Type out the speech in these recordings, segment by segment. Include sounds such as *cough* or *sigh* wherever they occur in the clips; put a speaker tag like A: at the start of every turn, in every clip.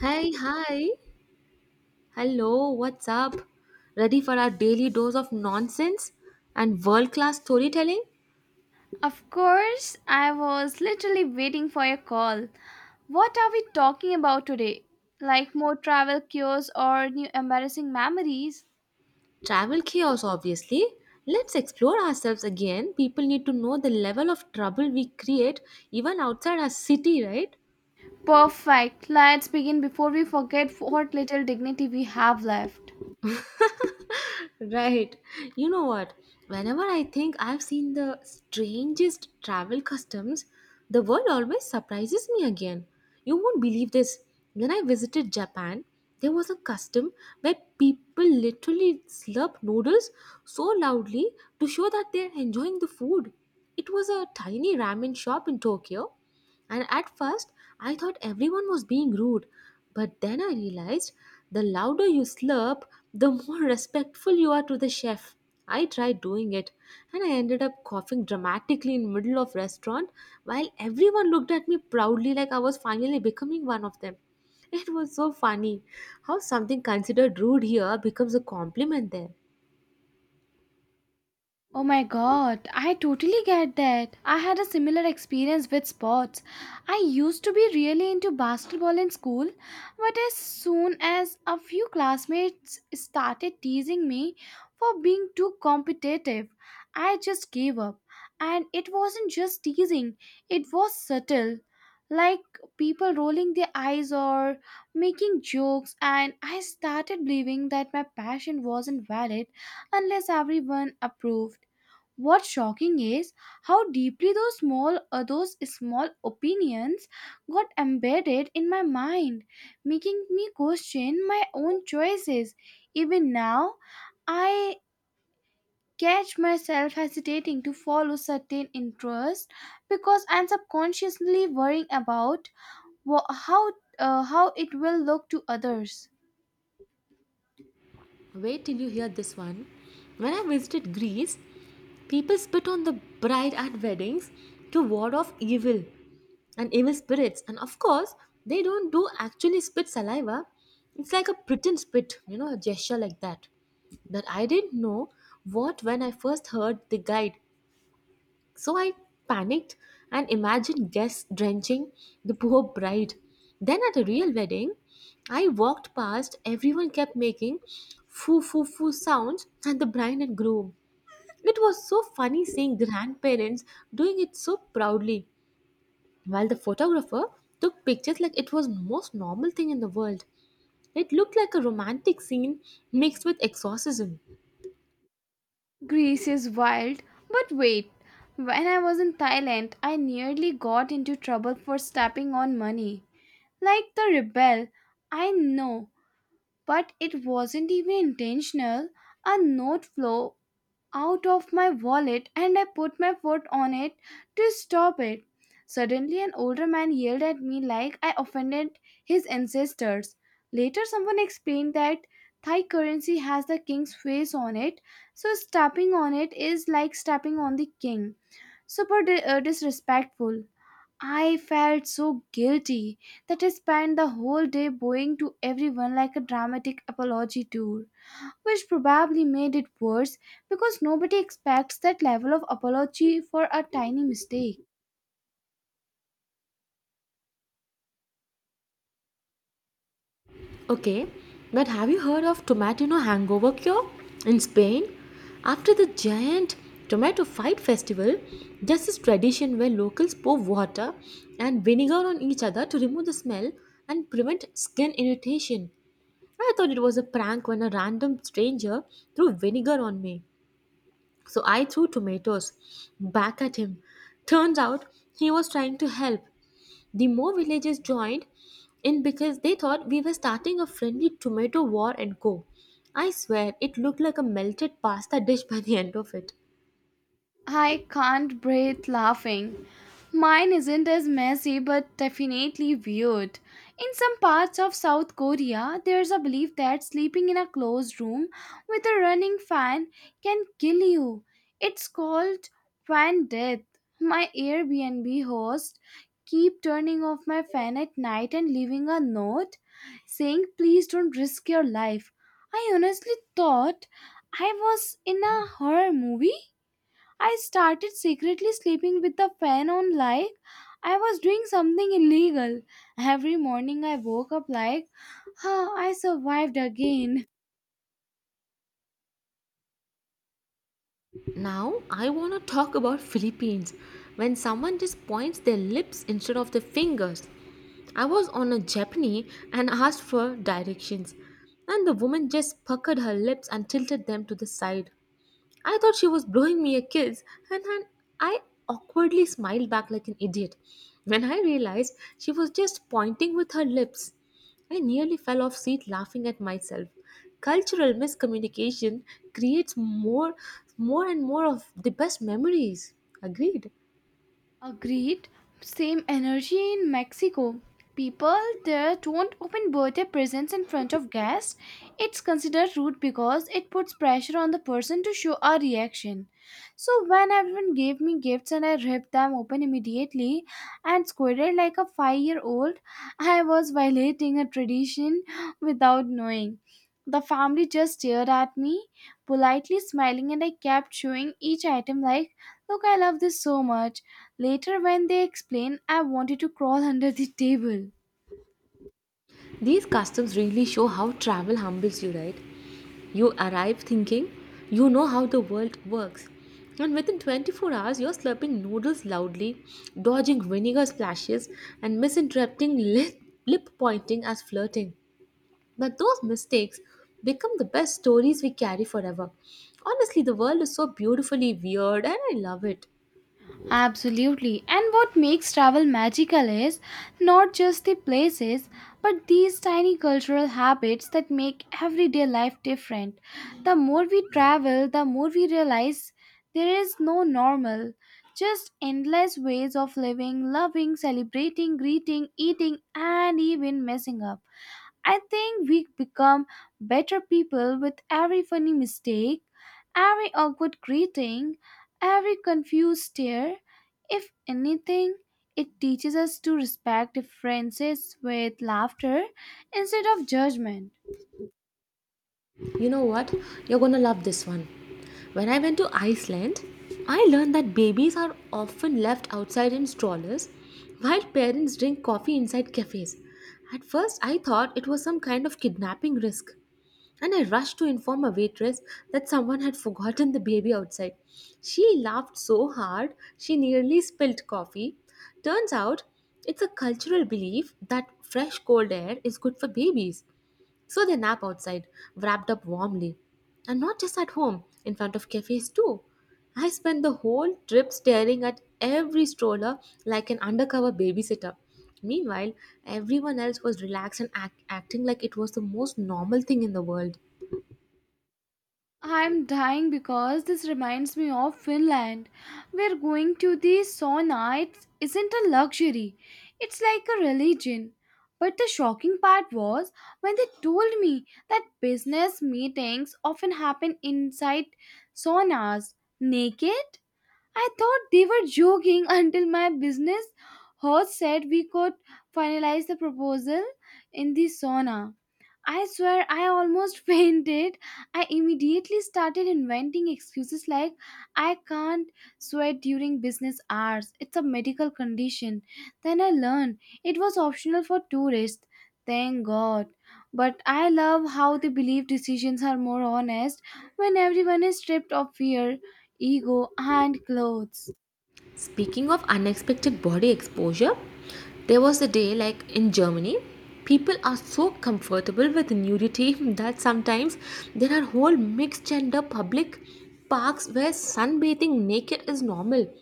A: Hey, hi. Hello, what's up? Ready for our daily dose of nonsense and world class storytelling?
B: Of course, I was literally waiting for your call. What are we talking about today? Like more travel cures or new embarrassing memories?
A: Travel chaos, obviously. Let's explore ourselves again. People need to know the level of trouble we create even outside our city, right?
B: Perfect. Let's begin before we forget what little dignity we have left.
A: Right. You know what? Whenever I think I've seen the strangest travel customs, the world always surprises me again. You won't believe this. When I visited Japan, there was a custom where people literally slurp noodles so loudly to show that they're enjoying the food. It was a tiny ramen shop in Tokyo, and at first I thought everyone was being rude, but then I realized the louder you slurp, the more *laughs* respectful you are to the chef. I tried doing it and I ended up coughing dramatically in middle of restaurant while everyone looked at me proudly like I was finally becoming one of them. It was so funny how something considered rude here becomes a compliment there.
B: Oh my god, I totally get that. I had a similar experience with sports. I used to be really into basketball in school, but as soon as a few classmates started teasing me for being too competitive, I just gave up. And it wasn't just teasing, it was subtle. Like people rolling their eyes or making jokes, and I started believing that my passion wasn't valid unless everyone approved. What's shocking is how deeply those small opinions got embedded in my mind, making me question my own choices. Even now, I catch myself hesitating to follow certain interests because I'm subconsciously worrying about wha- how how it will look to others.
A: Wait till you hear this one. When I visited Greece, people spit on the bride at weddings to ward off evil and evil spirits. And of course they don't do actually spit saliva, it's like a pretend spit, a gesture like that. That I didn't know what when I first heard the guide. So I panicked and imagined guests drenching the poor bride. Then at a real wedding, I walked past everyone kept making foo foo foo sounds and the bride and groom. It was so funny seeing grandparents doing it so proudly while the photographer took pictures like it was most normal thing in the world. It looked like a romantic scene mixed with exorcism.
B: Greece is wild, but wait. When I was in Thailand, I nearly got into trouble for stepping on money. Like the rebel, I know, but it wasn't even intentional. A note flew out of my wallet and I put my foot on it to stop it. Suddenly, an older man yelled at me like I offended his ancestors. Later, someone explained that Thai currency has the king's face on it, so stepping on it is like stepping on the king. Super disrespectful. I felt so guilty that I spent the whole day bowing to everyone like a dramatic apology tour, which probably made it worse because nobody expects that level of apology for a tiny mistake.
A: Okay, but have you heard of tomato hangover cure in Spain? After the giant tomato fight festival, there's this tradition where locals pour water and vinegar on each other to remove the smell and prevent skin irritation. I thought it was a prank when a random stranger threw vinegar on me. So I threw tomatoes back at him. Turns out he was trying to help. The more villagers joined in because they thought we were starting a friendly tomato war and go. I swear it looked like a melted pasta dish by the end of it.
B: I can't breathe laughing. Mine isn't as messy but definitely weird. In some parts of South Korea, there's a belief that sleeping in a closed room with a running fan can kill you. It's called fan death. My Airbnb host keep turning off my fan at night and leaving a note saying please don't risk your life. I honestly thought I was in a horror movie. I started secretly sleeping with the fan on like I was doing something illegal. Every morning I woke up like, huh, I survived again.
A: Now I want to talk about Philippines when someone just points their lips instead of their fingers. I was on a jeepney and asked for directions, and the woman just puckered her lips and tilted them to the side. I thought she was blowing me a kiss, and then I awkwardly smiled back like an idiot. When I realized she was just pointing with her lips, I nearly fell off seat laughing at myself. Cultural miscommunication creates more and more of the best memories. Agreed.
B: Agreed. Same energy in Mexico. People there don't open birthday presents in front of guests. It's considered rude because it puts pressure on the person to show a reaction. So when everyone gave me gifts and I ripped them open immediately and squirted like a five-year-old, I was violating a tradition without knowing. The family just stared at me, politely smiling, and I kept showing each item like, "Look, I love this so much." Later, when they explain, I wanted to crawl under the table.
A: These customs really show how travel humbles you, right? You arrive thinking you know how the world works, and within 24 hours, you're slurping noodles loudly, dodging vinegar splashes, and misinterpreting lip pointing as flirting. But those mistakes become the best stories we carry forever. Honestly, the world is so beautifully weird, and I love it.
B: Absolutely. And what makes travel magical is not just the places, but these tiny cultural habits that make everyday life different. The more we travel, the more we realize there is no normal, just endless ways of living, loving, celebrating, greeting, eating, and even messing up. I think we become better people with every funny mistake, every awkward greeting, every confused stare. If anything, it teaches us to respect differences with laughter instead of judgment.
A: You know what? You're gonna love this one. When I went to Iceland, I learned that babies are often left outside in strollers while parents drink coffee inside cafes. At first, I thought it was some kind of kidnapping risk, and I rushed to inform a waitress that someone had forgotten the baby outside. She laughed so hard she nearly spilled coffee. Turns out, it's a cultural belief that fresh cold air is good for babies. So they nap outside, wrapped up warmly. And not just at home, in front of cafes too. I spent the whole trip staring at every stroller like an undercover babysitter. Meanwhile, everyone else was relaxed and acting like it was the most normal thing in the world.
B: I'm dying because this reminds me of Finland, where going to the isn't a luxury, it's like a religion. But the shocking part was when they told me that business meetings often happen inside saunas, naked. I thought they were joking *laughs* until my business host said we could finalize the proposal in the sauna. I swear I almost *laughs* fainted. I immediately started inventing excuses like I can't sweat during business hours. It's a medical condition. Then I learned it was optional for tourists. Thank God. But I love how they believe decisions are more honest when everyone is stripped of fear, ego, and clothes.
A: Speaking of unexpected body exposure, there was a day like in Germany, people are so comfortable with nudity *laughs* that sometimes there are whole mixed gender public parks where sunbathing naked is normal.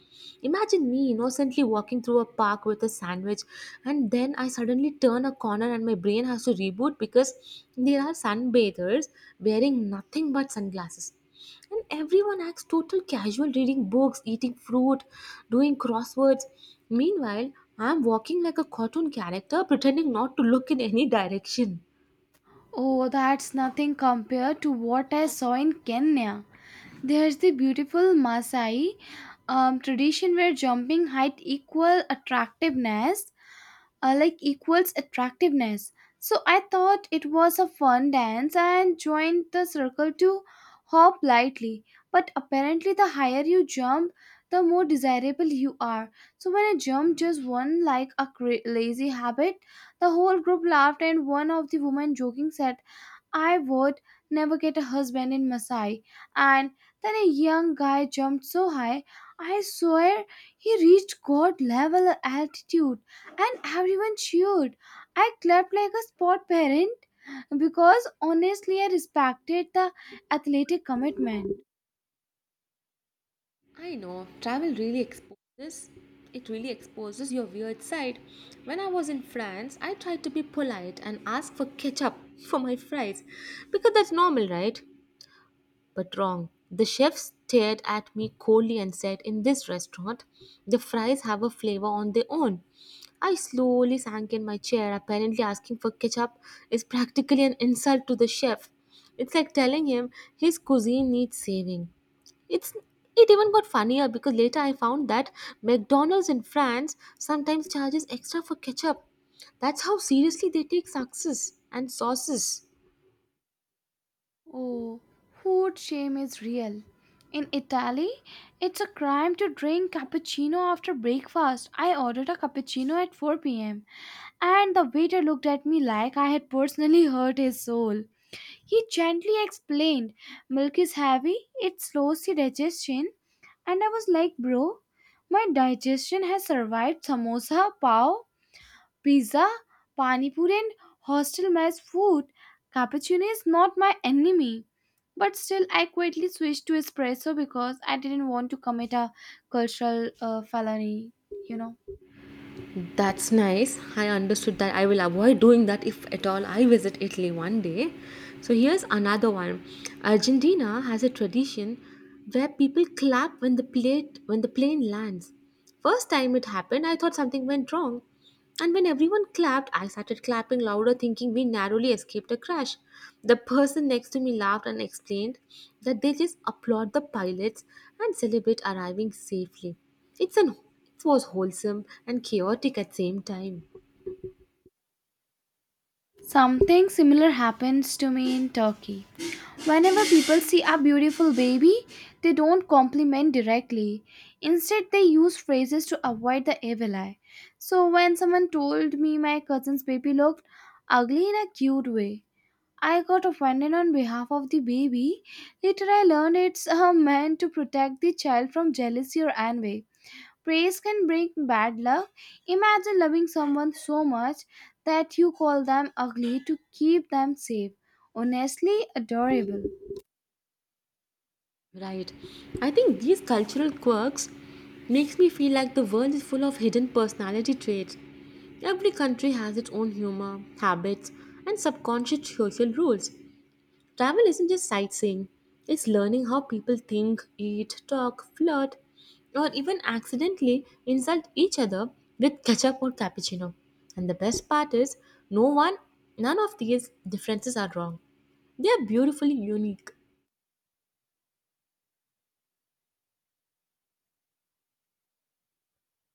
A: Imagine me innocently walking through a park with a sandwich, and then I suddenly turn a corner and my brain has to reboot because there are sunbathers wearing nothing but sunglasses. And everyone acts total casual, reading books, eating fruit, doing crosswords. Meanwhile, I am walking like a cartoon character, pretending not to look in any direction.
B: Oh, that's nothing compared to what I saw in Kenya. There's the beautiful Maasai tradition where jumping height equal attractiveness like equals attractiveness. So I thought it was a fun dance and joined the circle to hop lightly. But apparently, the higher you jump, the more desirable you are. So when I jumped just one like a lazy habit, the whole group laughed, and one of the women joking said, I would never get a husband in Maasai. And then a young guy jumped so high, I swear he reached God level altitude and everyone cheered. I clapped like a sport parent because honestly I respected the athletic commitment.
A: I know, travel really exposes it really exposes your weird side. When I was in France, I tried to be polite and ask for ketchup *laughs* for my fries because that's normal, right? But wrong. The chef stared at me coldly and said, "In this restaurant, the fries have a flavor on their own." I slowly sank in my chair, apparently asking for ketchup is practically an insult to the chef. It's like telling him his cuisine needs saving. It's it even got funnier because later I found that McDonald's in France sometimes charges extra for ketchup. That's how seriously they take success and sauces.
B: Oh, food shame is real. In Italy, it's a crime to drink cappuccino after breakfast. I ordered a cappuccino at 4 p.m. and the waiter looked at me like I had personally hurt his soul. He gently explained, milk is heavy, it slows the digestion. And I was like, bro, my digestion has survived samosa, pav, pizza, pani puri, and hostel mess food. Cappuccino is not my enemy. But still, I quietly switched to espresso because I didn't want to commit a cultural felony, you know.
A: That's nice. I understood that I will avoid doing that if at all I visit Italy one day. So here's another one. Argentina has a tradition where people clap when the plate when the plane lands. First time it happened, I thought something went wrong. And when everyone clapped, I started clapping louder, thinking we narrowly escaped a crash. The person next to me laughed and explained that they just applaud the pilots and celebrate arriving safely. It's an it was wholesome and chaotic at same time.
B: Something similar happens to me in Turkey. Whenever people see a beautiful baby, they don't compliment directly. Instead, they use phrases to avoid the evil eye. So, when someone told me my cousin's baby looked ugly in a cute way, I got offended on behalf of the baby. Later, I learned it's meant to protect the child from jealousy or envy. Praise can bring bad luck. Imagine loving someone so much that you call them ugly to keep them safe. Honestly, adorable.
A: Right. I think these cultural quirks makes me feel like the world is full of hidden personality traits. Every country has its own humor, habits, and subconscious social rules. Travel isn't just sightseeing, it's learning how people think, eat, talk, flirt, or even accidentally insult each other with ketchup or cappuccino. And the best part is, no one, none of these differences are wrong. They are beautifully unique.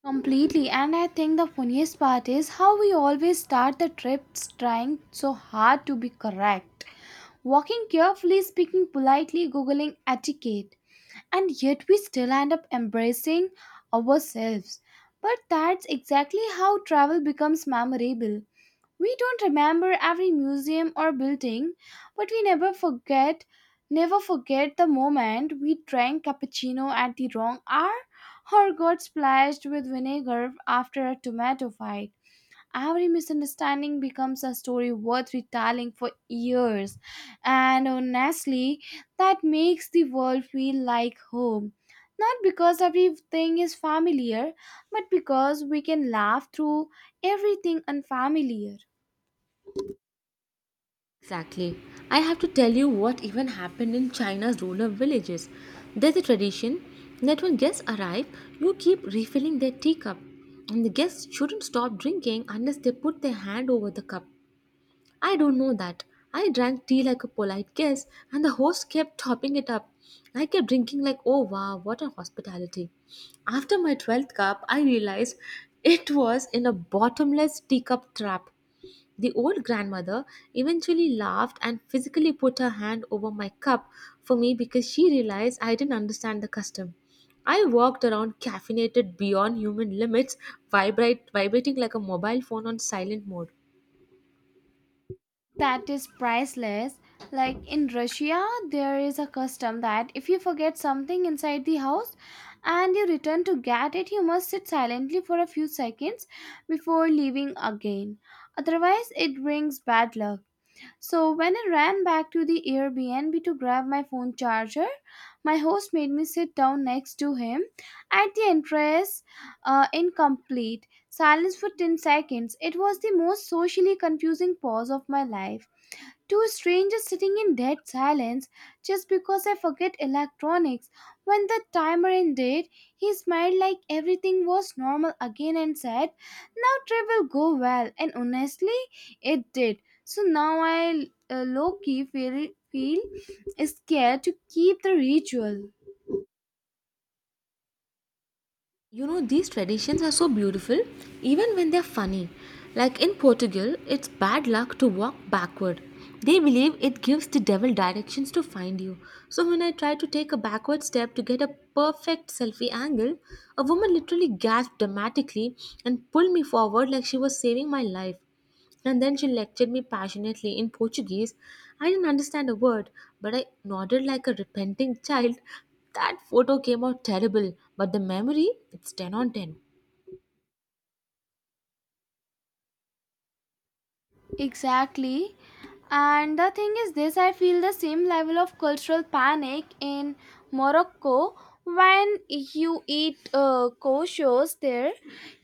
B: Completely, and I think the funniest part is how we always start the trips trying so hard to be correct. Walking carefully, speaking politely, googling etiquette, and yet we still end up embracing ourselves. But that's exactly how travel becomes memorable. We don't remember every museum or building, but we never forget the moment we drank cappuccino at the wrong hour or got splashed with vinegar after a tomato fight. Every misunderstanding becomes a story worth retelling for years, and honestly, that makes the world feel like home. Not because everything is familiar, but because we can laugh through everything unfamiliar.
A: Exactly. I have to tell you what even happened in China's rural villages. There's a tradition that when guests arrive, you keep refilling their teacup, and the guests shouldn't stop drinking unless they put their hand over the cup. I don't know that. I drank tea like a polite guest, and the host kept topping it up. I kept drinking, like, oh wow, what a hospitality. After my 12th cup, I realized it was in a bottomless teacup trap. The old grandmother eventually laughed and physically put her hand over my cup for me because she realized I didn't understand the custom. I walked around caffeinated beyond human limits, vibrating like a mobile phone on silent mode.
B: That is priceless. Like in Russia, there is a custom that if you forget something inside the house and you return to get it, you must sit silently for a few seconds before leaving again. Otherwise, it brings bad luck. So, when I ran back to the Airbnb to grab my phone charger, my host made me sit down next to him at the entrance, in complete silence for 10 seconds. It was the most socially confusing pause of my life. Two strangers sitting in dead silence just because I forget electronics. When the timer ended, he smiled like everything was normal again and said, now trip will go well. And honestly, it did. So now I low key feel scared to keep the ritual.
A: You know, these traditions are so beautiful, even when they're funny. Like in Portugal, it's bad luck to walk backward. They believe it gives the devil directions to find you. So when I tried to take a backward step to get a perfect selfie angle, a woman literally gasped dramatically and pulled me forward like she was saving my life. And then she lectured me passionately in Portuguese. I didn't understand a word, but I nodded like a repenting child. That photo came out terrible, but the memory, it's 10 on 10.
B: Exactly. And the thing is, this I feel the same level of cultural panic in Morocco. When you eat koshos there,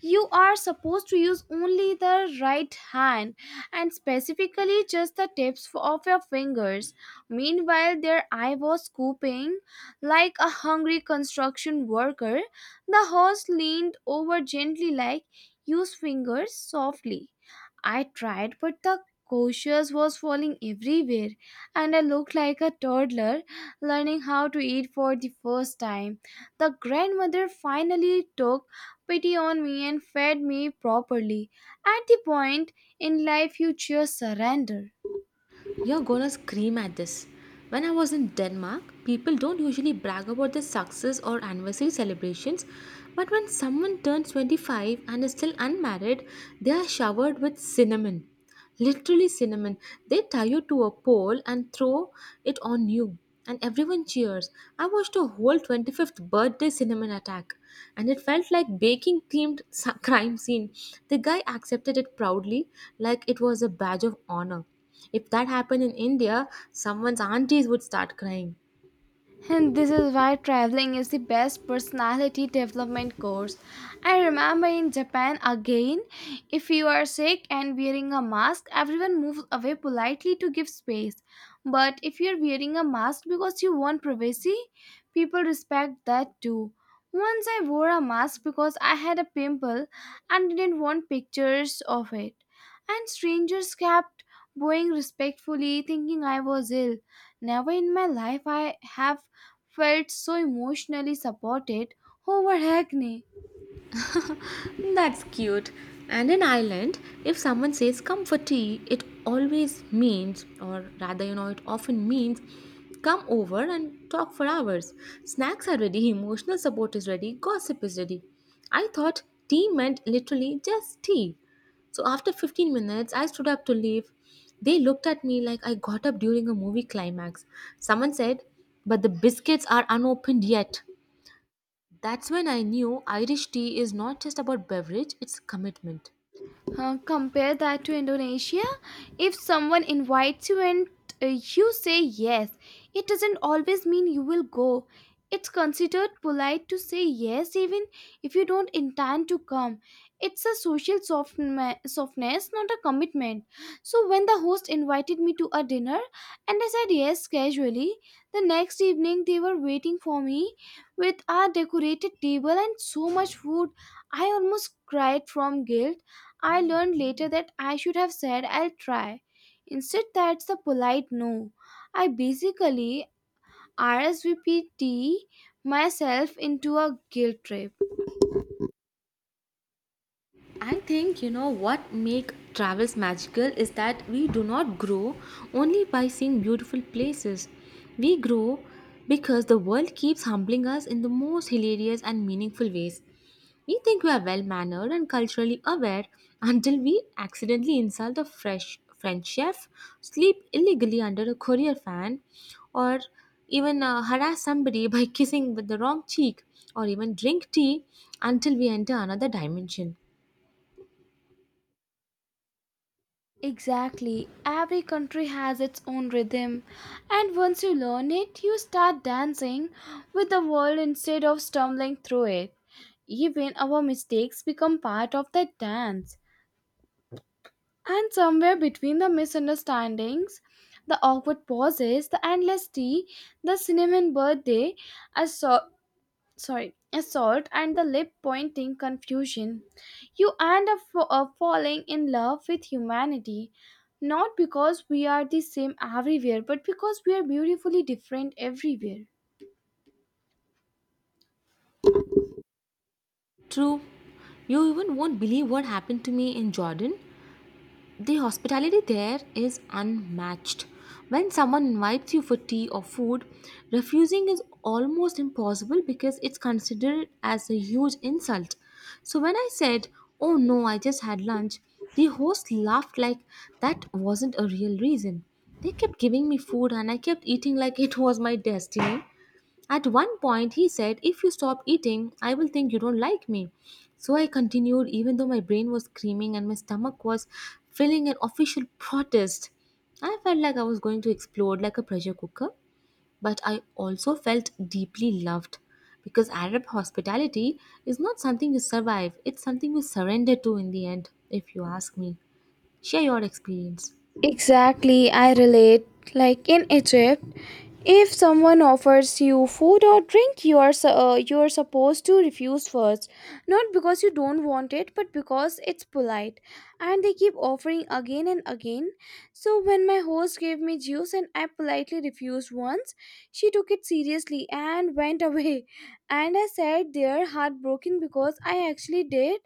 B: you are supposed to use only the right hand and specifically just the tips of your fingers. Meanwhile, there I was scooping like a hungry construction worker. The host leaned over gently like, use fingers softly. I tried, but the couscous was falling everywhere, and I looked like a toddler learning how to eat for the first time. The grandmother finally took pity on me and fed me properly. At the point in life you just surrender.
A: You're gonna scream at this. When I was in Denmark, people don't usually brag about their success or anniversary celebrations, but when someone turns 25 and is still unmarried, they are showered with cinnamon. Literally, cinnamon. They tie you to a pole and throw it on you, and everyone cheers. I watched a whole 25th birthday cinnamon attack, and it felt like baking themed crime scene. The guy accepted it proudly, like it was a badge of honor if that happened in India, someone's aunties would start crying.
B: And this is why traveling is the best personality development course. I remember in Japan again, if you are sick and wearing a mask, everyone moves away politely to give space. But if you're wearing a mask because you want privacy, people respect that too. Once I wore a mask because I had a pimple and didn't want pictures of it. And strangers kept bowing respectfully, thinking I was ill. Never in my life I have felt so emotionally supported over acne.
A: That's cute. And in Ireland, if someone says comfort tea, it always means, or rather, you know, it often means, come over and talk for hours. Snacks are ready, emotional support is ready, gossip is ready. I thought tea meant literally just tea. So after 15 minutes, I stood up to leave. They looked at me like I got up during a movie climax. Someone said, "But the biscuits are unopened yet." That's when I knew Irish tea is not just about beverage, it's commitment.
B: Compare that to Indonesia. If someone invites you and uh, you say yes, it doesn't always mean you will go. It's considered polite to say yes even if you don't intend to come. It's a social softness, not a commitment. So, when the host invited me to a dinner and I said yes casually, the next evening they were waiting for me with a decorated table and so much food. I almost cried from guilt. I learned later that I should have said I'll try. Instead, that's the polite no. I basically RSVPT myself into a guilt trip.
A: I think you know what make travels magical is that we do not grow only by seeing beautiful places. We grow because the world keeps humbling us in the most hilarious and meaningful ways. We think we are well mannered and culturally aware until we accidentally insult a fresh French chef, sleep illegally under a courier fan, or even harass somebody by *laughs* kissing with the wrong cheek, or even drink tea until we enter another dimension.
B: Exactly. Every country has its own rhythm, and once you learn it, you start dancing with the world instead of stumbling through it. Even our mistakes become part of that dance. And somewhere between the misunderstandings, the awkward pauses, the endless tea, the cinnamon birthday, assault, sorry, assault, and the lip pointing confusion, you end up falling in love with humanity. Not because we are the same everywhere, but because we are beautifully different everywhere.
A: True. You even won't believe what happened to me in Jordan. The hospitality there is unmatched. When someone invites you for tea or food, refusing is almost impossible because it's considered as a huge insult. So when I said, "Oh no, I just had lunch," the host laughed like that wasn't a real reason. They kept giving me food and I kept eating like it was my destiny. At one point, he said, If you stop eating, I will think you don't like me. So I continued, even though my brain was screaming and my stomach was feeling an official protest. I felt like I was going to explode like a pressure cooker, but I also felt deeply loved because Arab hospitality is not something you survive, it's something you surrender to in the end, if you ask me. Share your experience.
B: Exactly, I relate. Like in Egypt, if someone offers you food or drink, you are supposed to refuse first, not because you don't want it, but because it's polite. And they keep offering again and again. So when my host gave me juice and I politely refused once, she took it seriously and went *laughs* away. And I sat there heartbroken because I actually did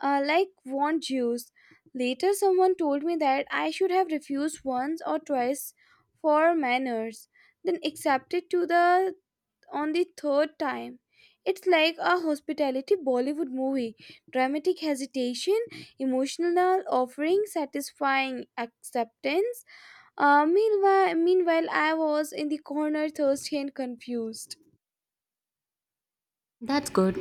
B: uh, like want juice. Later, someone told me that I should have refused once or twice for manners, then accepted to the on the third time. It's like a hospitality Bollywood movie. Dramatic hesitation, emotional offering, satisfying acceptance. Meanwhile, I was in the corner, thirsty and confused.
A: That's good.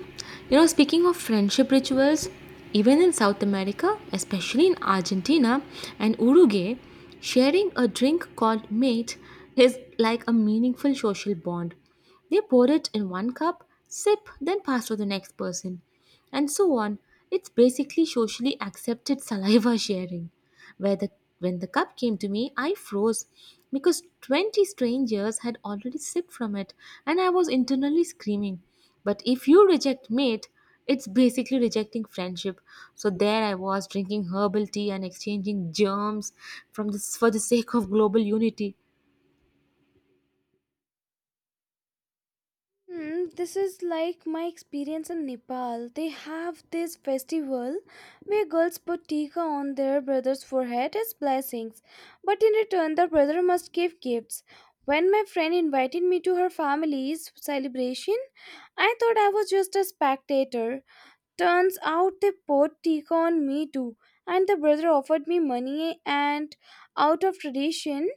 A: You know, speaking of friendship rituals, even in South America, especially in Argentina and Uruguay, sharing a drink called mate is like a meaningful social bond. They pour it in one cup, sip, then pass to the next person and so on. It's basically socially accepted saliva *laughs* sharing. Where the, when the cup came to me, I froze because 20 strangers had already sipped from it and I was internally screaming. But if you reject mate, it's basically rejecting friendship. So there I was drinking herbal tea and exchanging germs from this for the sake of global unity.
B: Hmm, this is like my experience in Nepal. They have this festival where girls put tikka on their brother's forehead as blessings, but in return, the brother must give gifts. When my friend invited me to her family's celebration, I thought I was just a spectator. Turns out they poured tikka on me too, and the brother offered me money and out of tradition,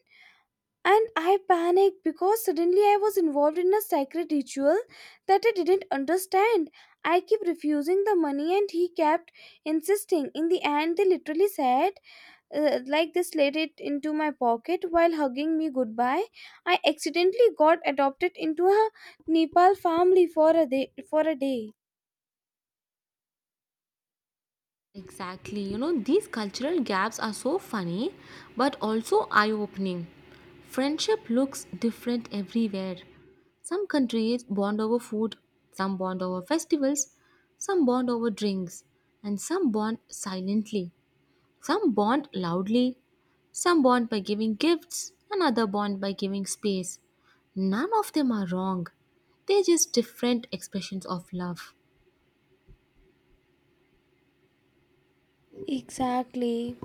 B: and I panicked because suddenly I was involved in a sacred ritual that I didn't understand. I kept refusing the money and he kept insisting. In the end, they literally said, like they slid it into my pocket while hugging me goodbye. I accidentally got adopted into a Nepal family for a day. For a day.
A: Exactly. You know, these cultural gaps are so funny, but also eye opening. Friendship looks different everywhere. Some countries bond over food, some bond over festivals, some bond over drinks, and some bond silently. Some bond loudly, some bond by giving gifts, another bond by giving space. None of them are wrong. They're just different expressions of love.
B: Exactly.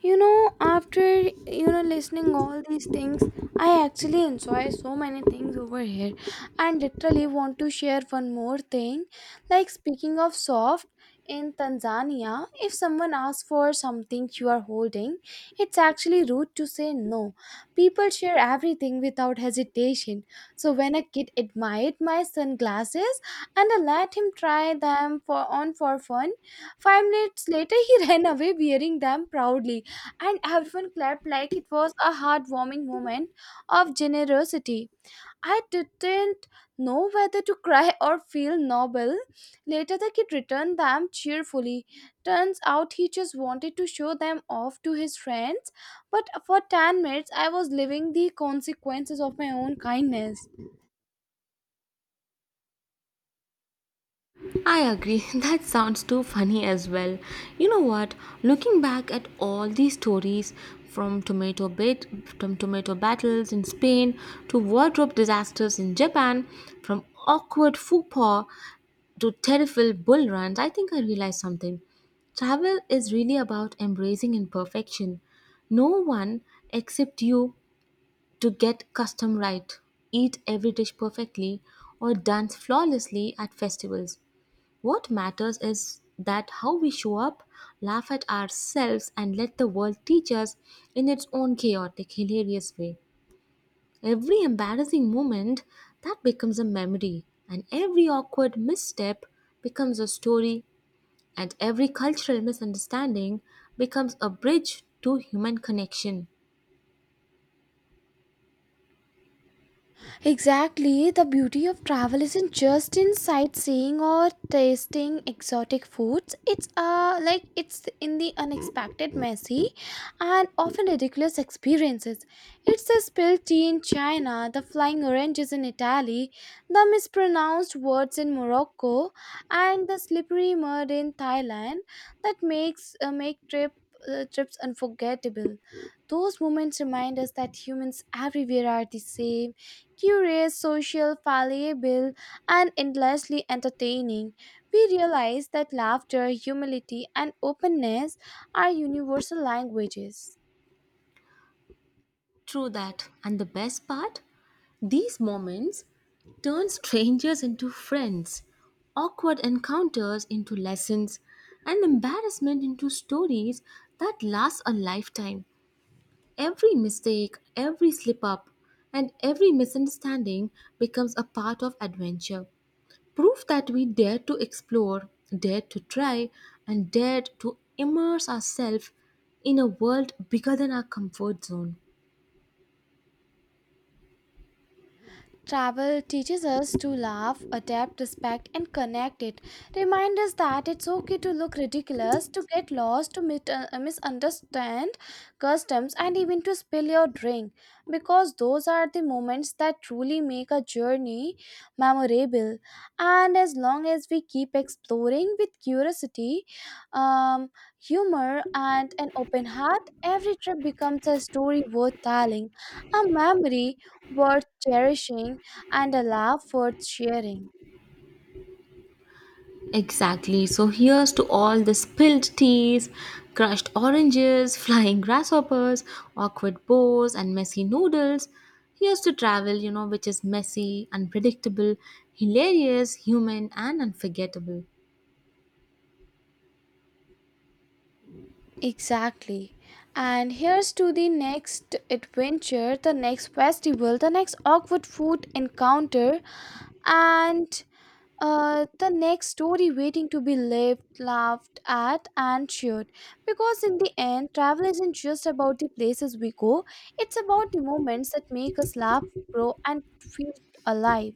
B: You know, after listening all these things, I actually enjoy so many things over here and literally want to share one more thing. Like speaking of soft in Tanzania, if someone asks for something you are holding, it's actually rude to say no. People share everything without hesitation. So when a kid admired my sunglasses and I let him try them for on for fun, 5 minutes later, he *laughs* ran away wearing them proudly, and everyone clapped like it was a heartwarming moment of generosity. I didn't know whether to cry or feel noble. Later, the kid returned them cheerfully. Turns out he just wanted to show them off to his friends, but for 10 minutes, I was living the consequences of my own kindness.
A: I agree. *laughs* That sounds too funny as well. You know what? Looking back at all these stories from tomato bit from tomato battles in Spain to wardrobe disasters in Japan, from awkward faux pas to terrible bull runs, I think I realized something. Travel is really about embracing imperfection. No one except you to get custom right, eat every dish perfectly, or dance flawlessly at festivals. What matters is that how we show up, laugh at ourselves, and let the world teach us in its own chaotic, hilarious way. Every embarrassing moment that becomes a memory, and every awkward misstep becomes a story, and every cultural misunderstanding becomes a bridge to human connection.
B: Exactly, the beauty of travel isn't just in sightseeing or tasting exotic foods. It's in the unexpected, messy, and often ridiculous experiences. It's the spilled tea in China, the flying oranges in Italy, the mispronounced words in Morocco, and the slippery mud in Thailand that make trips unforgettable. Those moments remind us that humans everywhere are the same: curious, social, fallible, and endlessly entertaining. We realize that laughter, humility, and openness are universal languages.
A: True that. And the best part? These moments turn strangers into friends, awkward encounters into lessons, and embarrassment into stories that last a lifetime. Every mistake, every slip up, and every misunderstanding becomes a part of adventure. Proof that we dare to explore, dare to try, and dare to immerse ourselves in a world bigger than our comfort zone.
B: Travel teaches us to laugh, adapt, respect, and connect it. Remind us that it's okay to look ridiculous, to get lost, to misunderstand customs, and even to spill your drink. Because those are the moments that truly make a journey memorable. And as long as we keep exploring with curiosity, um, humor, and an open heart, every trip becomes a story worth telling, a memory worth cherishing and a laugh worth sharing.
A: Exactly. So here's to all the spilled teas, crushed oranges, *laughs* flying grasshoppers, awkward bows, and messy noodles. Here's to travel, which is messy, unpredictable, hilarious, human, and unforgettable.
B: Exactly. And here's to the next adventure, the next festival, the next awkward food encounter, and the next story waiting to be lived, laughed at, and shared. Because in the end, travel isn't just about the places we go, it's about the moments that make us laugh, grow, and feel alive.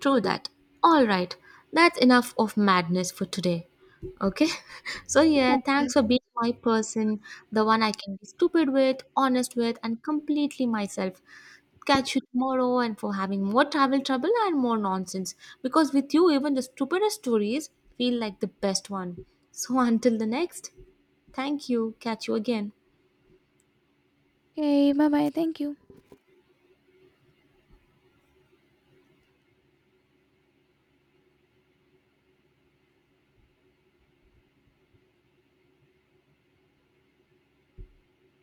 A: True that. All right. That's enough of madness for today. Okay? *laughs* So, yeah, thanks for being my person, the one I can be stupid with, honest with, and completely myself. Catch you tomorrow, and for having more travel trouble and more nonsense. Because with you, even the stupidest stories feel like the best one. So *laughs* until the next, thank you. Catch you again.
B: Okay, bye bye. Thank you.